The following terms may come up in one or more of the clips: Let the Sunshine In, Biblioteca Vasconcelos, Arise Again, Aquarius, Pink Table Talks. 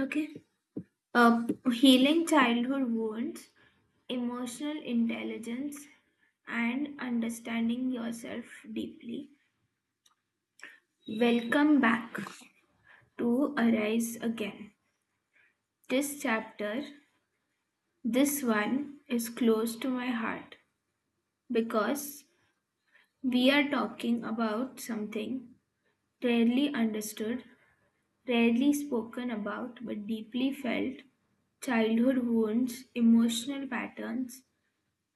Okay. Uh, Healing childhood wounds, emotional intelligence, and understanding yourself deeply. Welcome back to Arise Again. This chapter, this one, is close to my heart because we are talking about something rarely understood, rarely spoken about, but deeply felt childhood wounds, emotional patterns,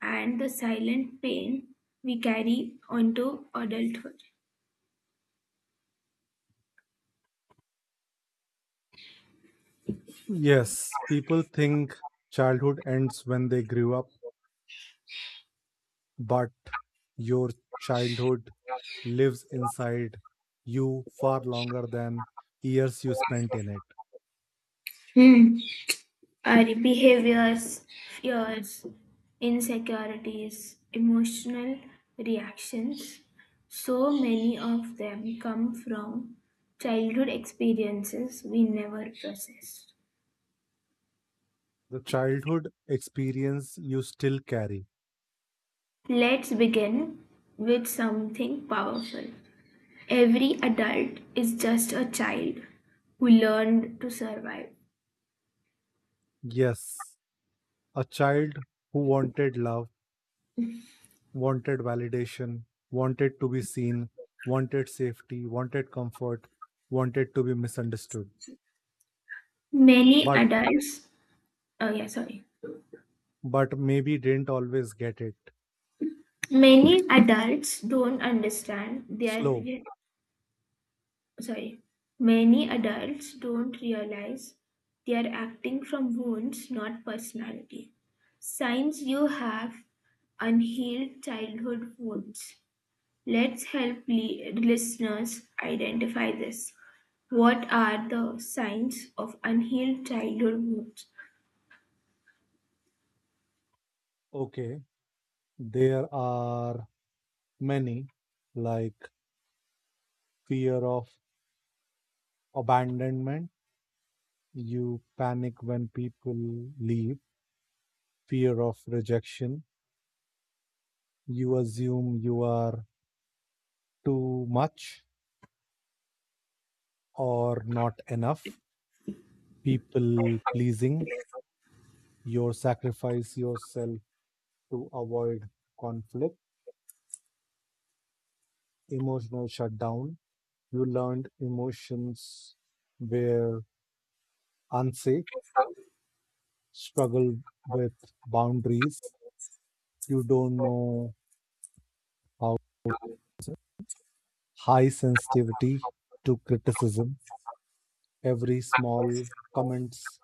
and the silent pain we carry onto adulthood. Yes, people think childhood ends when they grew up, but your childhood lives inside you far longer than years you spent in it. Hmm. Our behaviors, fears, insecurities, emotional reactions, so many of them come from childhood experiences we never processed. The childhood experience you still carry. Let's begin with something powerful. Every adult is just a child who learned to survive. Yes, a child who wanted love, wanted validation, wanted to be seen, wanted safety, wanted comfort, wanted to be misunderstood, Many but adults. Oh yeah, sorry. but maybe didn't always get it. Many adults don't understand their Slow. re- sorry. Many adults don't realize they are acting from wounds, not personality. Signs you have unhealed childhood wounds. Let's help listeners identify this. What are the signs of unhealed childhood wounds? Okay, there are many, like fear of abandonment. You panic when people leave, fear of rejection. You assume you are too much or not enough. People pleasing. You sacrifice yourself to avoid conflict. Emotional shutdown. You learned emotions were unsafe. Struggle with boundaries. You don't know how is high sensitivity to criticism. Every small comments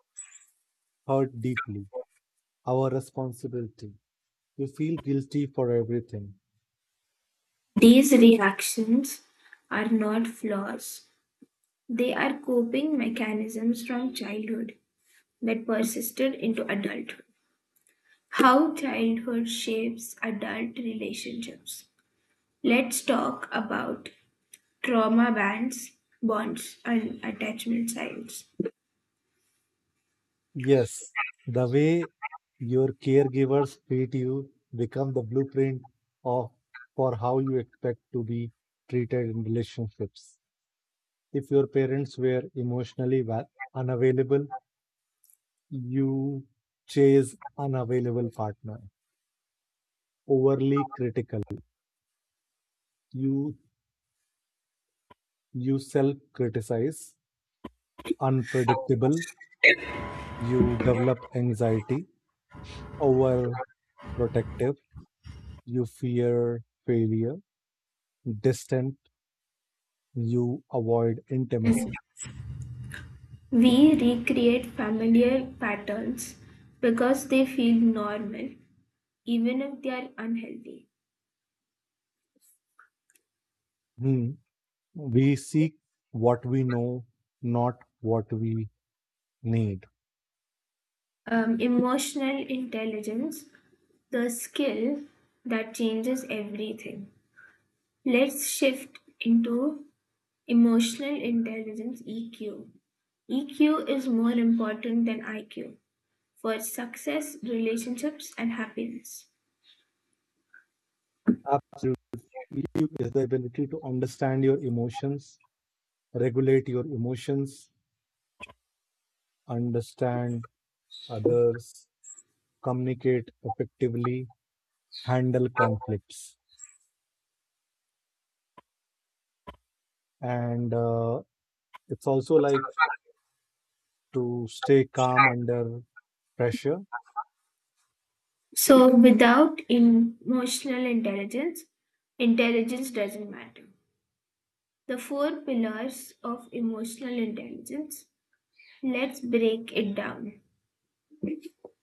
hurt deeply. Our responsibility. You feel guilty for everything. These reactions are not flaws, they are coping mechanisms from childhood that persisted into adulthood. How childhood shapes adult relationships. Let's talk about trauma bands, bonds, and attachment styles. Yes, the way your caregivers treat you become the blueprint of for how you expect to be treated in relationships. If your parents were unavailable, you chase unavailable partner, overly critical, you you self criticize, unpredictable, you develop anxiety, overprotective, you fear failure, distant, you avoid intimacy. We recreate familiar patterns because they feel normal, even if they are unhealthy. Hmm, we seek what we know, not what we need. Emotional intelligence, the skill that changes everything. Let's shift into emotional intelligence (EQ). EQ is more important than IQ for success, relationships, and happiness. Absolutely, is the ability to understand your emotions, regulate your emotions, understand others, communicate effectively, handle conflicts, and it's also like to stay calm under pressure. So, without emotional intelligence, intelligence doesn't matter. The four pillars of emotional intelligence, let's break it down.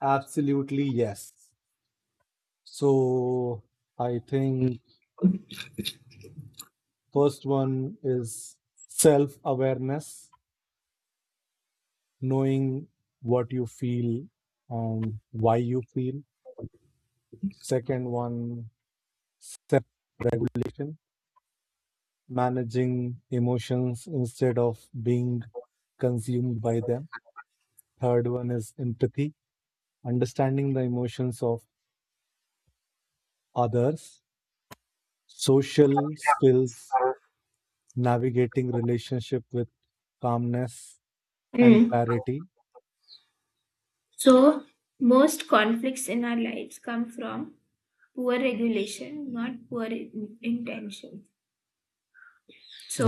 Absolutely yes, so I think first one is self awareness, knowing what you feel and why you feel. Second one, self regulation, managing emotions instead of being consumed by them. Third one is empathy, understanding the emotions of others. Social skills, navigating relationship with calmness and Mm. clarity, So, most conflicts in our lives come from poor regulation, not poor intention.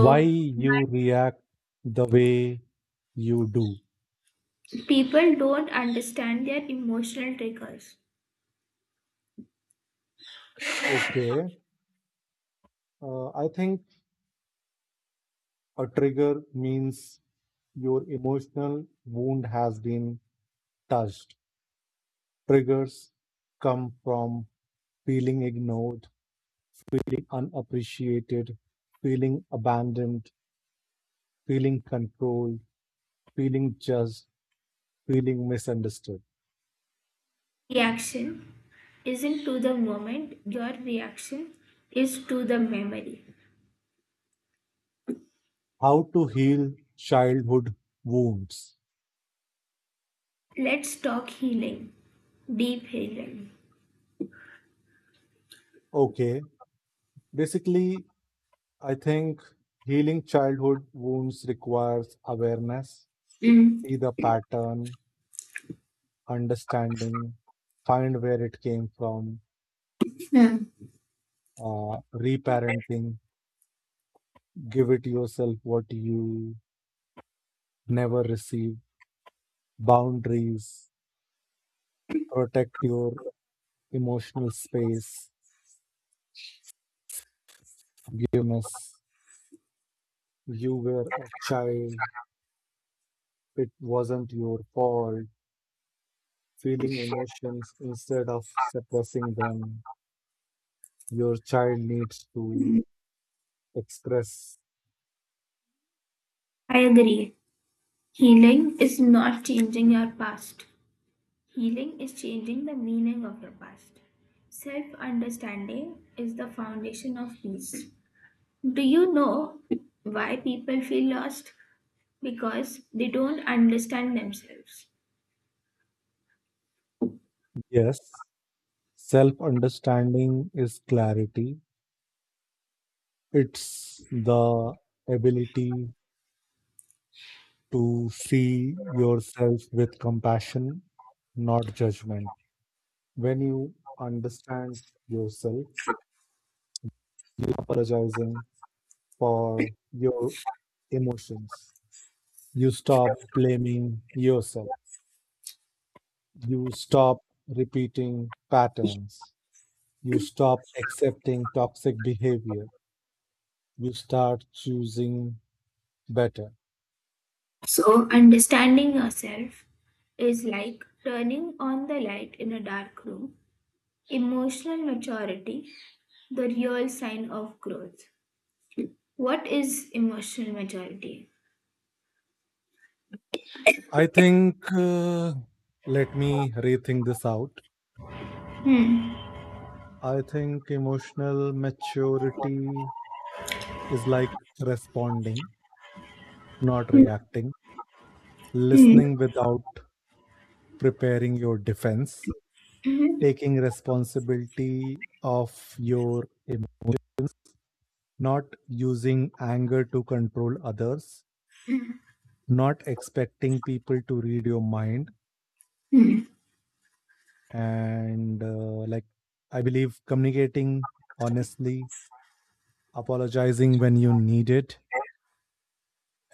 why you react the way you do. people don't understand their emotional triggers. Okay, I think a trigger means your emotional wound has been touched. Triggers come from feeling ignored, feeling unappreciated, feeling abandoned, feeling controlled, feeling judged, feeling misunderstood. Reaction isn't to the moment, your reaction is to the memory. How to heal childhood wounds. Let's talk healing, deep healing. Okay. Basically, I think healing childhood wounds requires awareness, Mm, see the pattern, understanding, find where it came from, Yeah, reparenting, give it yourself what you never received, boundaries, protect your emotional space, forgiveness. You were a child, it wasn't your fault, feeling emotions instead of suppressing them. Your child needs to express. I agree. Healing is not changing your past. Healing is changing the meaning of your past. Self understanding is the foundation of peace. Do you know why people feel lost? Because they don't understand themselves. Yes, self understanding is clarity, it's the ability to see yourself with compassion, not judgment. When you understand yourself, you apologizing for your emotions. You stop blaming yourself. You stop repeating patterns. You stop accepting toxic behavior. You start choosing better. So, understanding yourself is like turning on the light in a dark room. Emotional maturity, the real sign of growth. What is emotional maturity? I think, uh, Let me rethink this out. Hmm. I think emotional maturity is like responding, not Hmm. reacting, listening without preparing your defense, Mhm. taking responsibility of your emotions, not using anger to control others, Hmm. not expecting people to read your mind, Hmm. and like I believe communicating honestly, apologizing when you need it,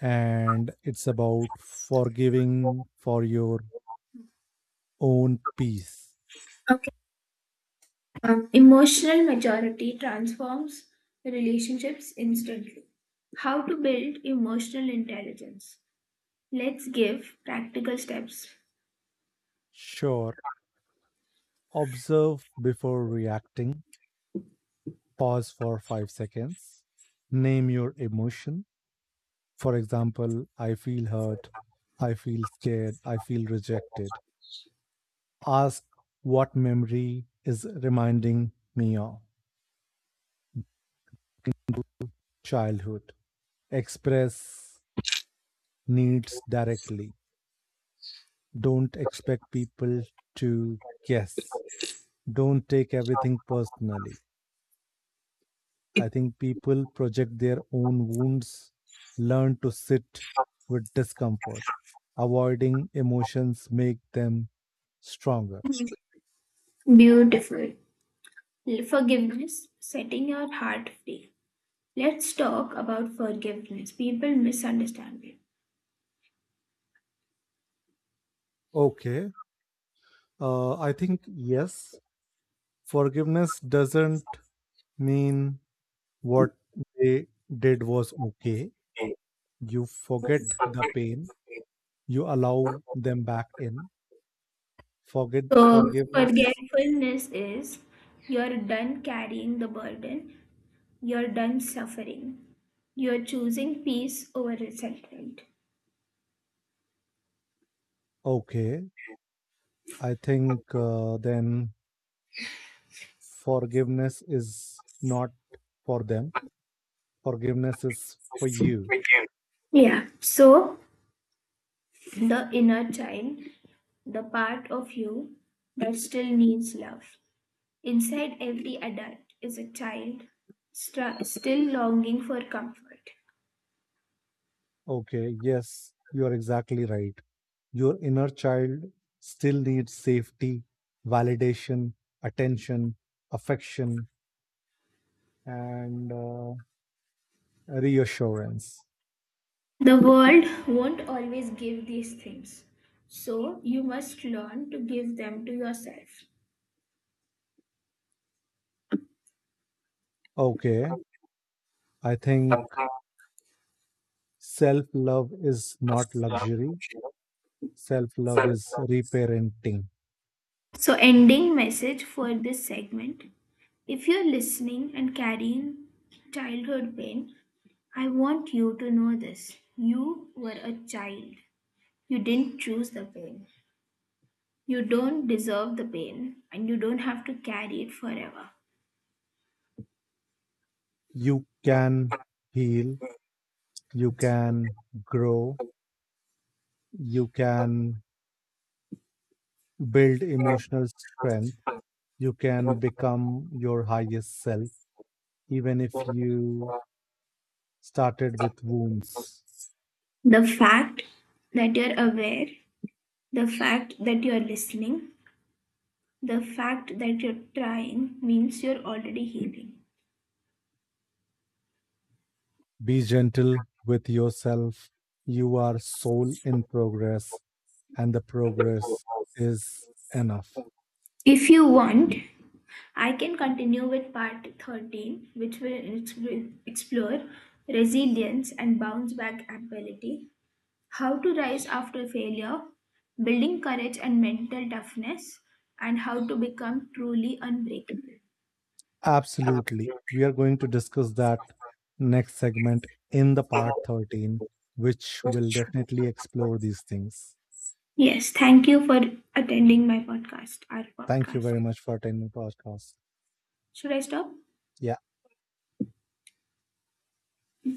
and it's about forgiving for your own peace. Okay. Emotional maturity transforms relationships instantly. How to build emotional intelligence? Let's give practical steps. Sure, observe before reacting, pause for 5 seconds, name your emotion, for example I feel hurt, I feel scared, I feel rejected. Ask what memory is reminding me of childhood. Express needs directly. Don't expect people to guess. Don't take everything personally. I think people project their own wounds, learn to sit with discomfort. Avoiding emotions make them stronger. Beautiful. Forgiveness, setting your heart free. Let's talk about forgiveness. People misunderstand it. Okay. I think yes, forgiveness doesn't mean what they did was okay. You forget Mm. the pain. You allow them back in. Forget So, forgiveness. forgetfulness is you're done carrying the burden, you're done suffering, you're choosing peace over resentment. Okay. I think Then forgiveness is not for them. Forgiveness is for you. Yeah. So, the inner child, the part of you that still needs love. Inside every adult is a child still longing for comfort. Okay. Yes, you are exactly right. Your inner child still needs safety, validation, attention, affection, and reassurance. The world won't always give these things, so you must learn to give them to yourself. Okay, I think self love is not luxury, self love is reparenting. So, ending message for this segment, if you're listening and carrying childhood pain, I want you to know this. You were a child, you didn't choose the pain. You don't deserve the pain, and you don't have to carry it forever. You can heal, you can grow, you can build emotional strength, you can become your highest self, even if you started with wounds. The fact that you're aware, the fact that you're listening, the fact that you're trying means you're already healing. Be gentle with yourself. You are soul in progress, and the progress is enough. If you want, I can continue with part 13, which will explore resilience and bounce back ability, how to rise after failure, building courage and mental toughness, and how to become truly unbreakable. Absolutely. We are going to discuss that next segment in the part 13, which will definitely explore these things. Yes, thank you for attending my podcast, our Thank you podcast. very much for attending the podcast. Should I stop? Yeah.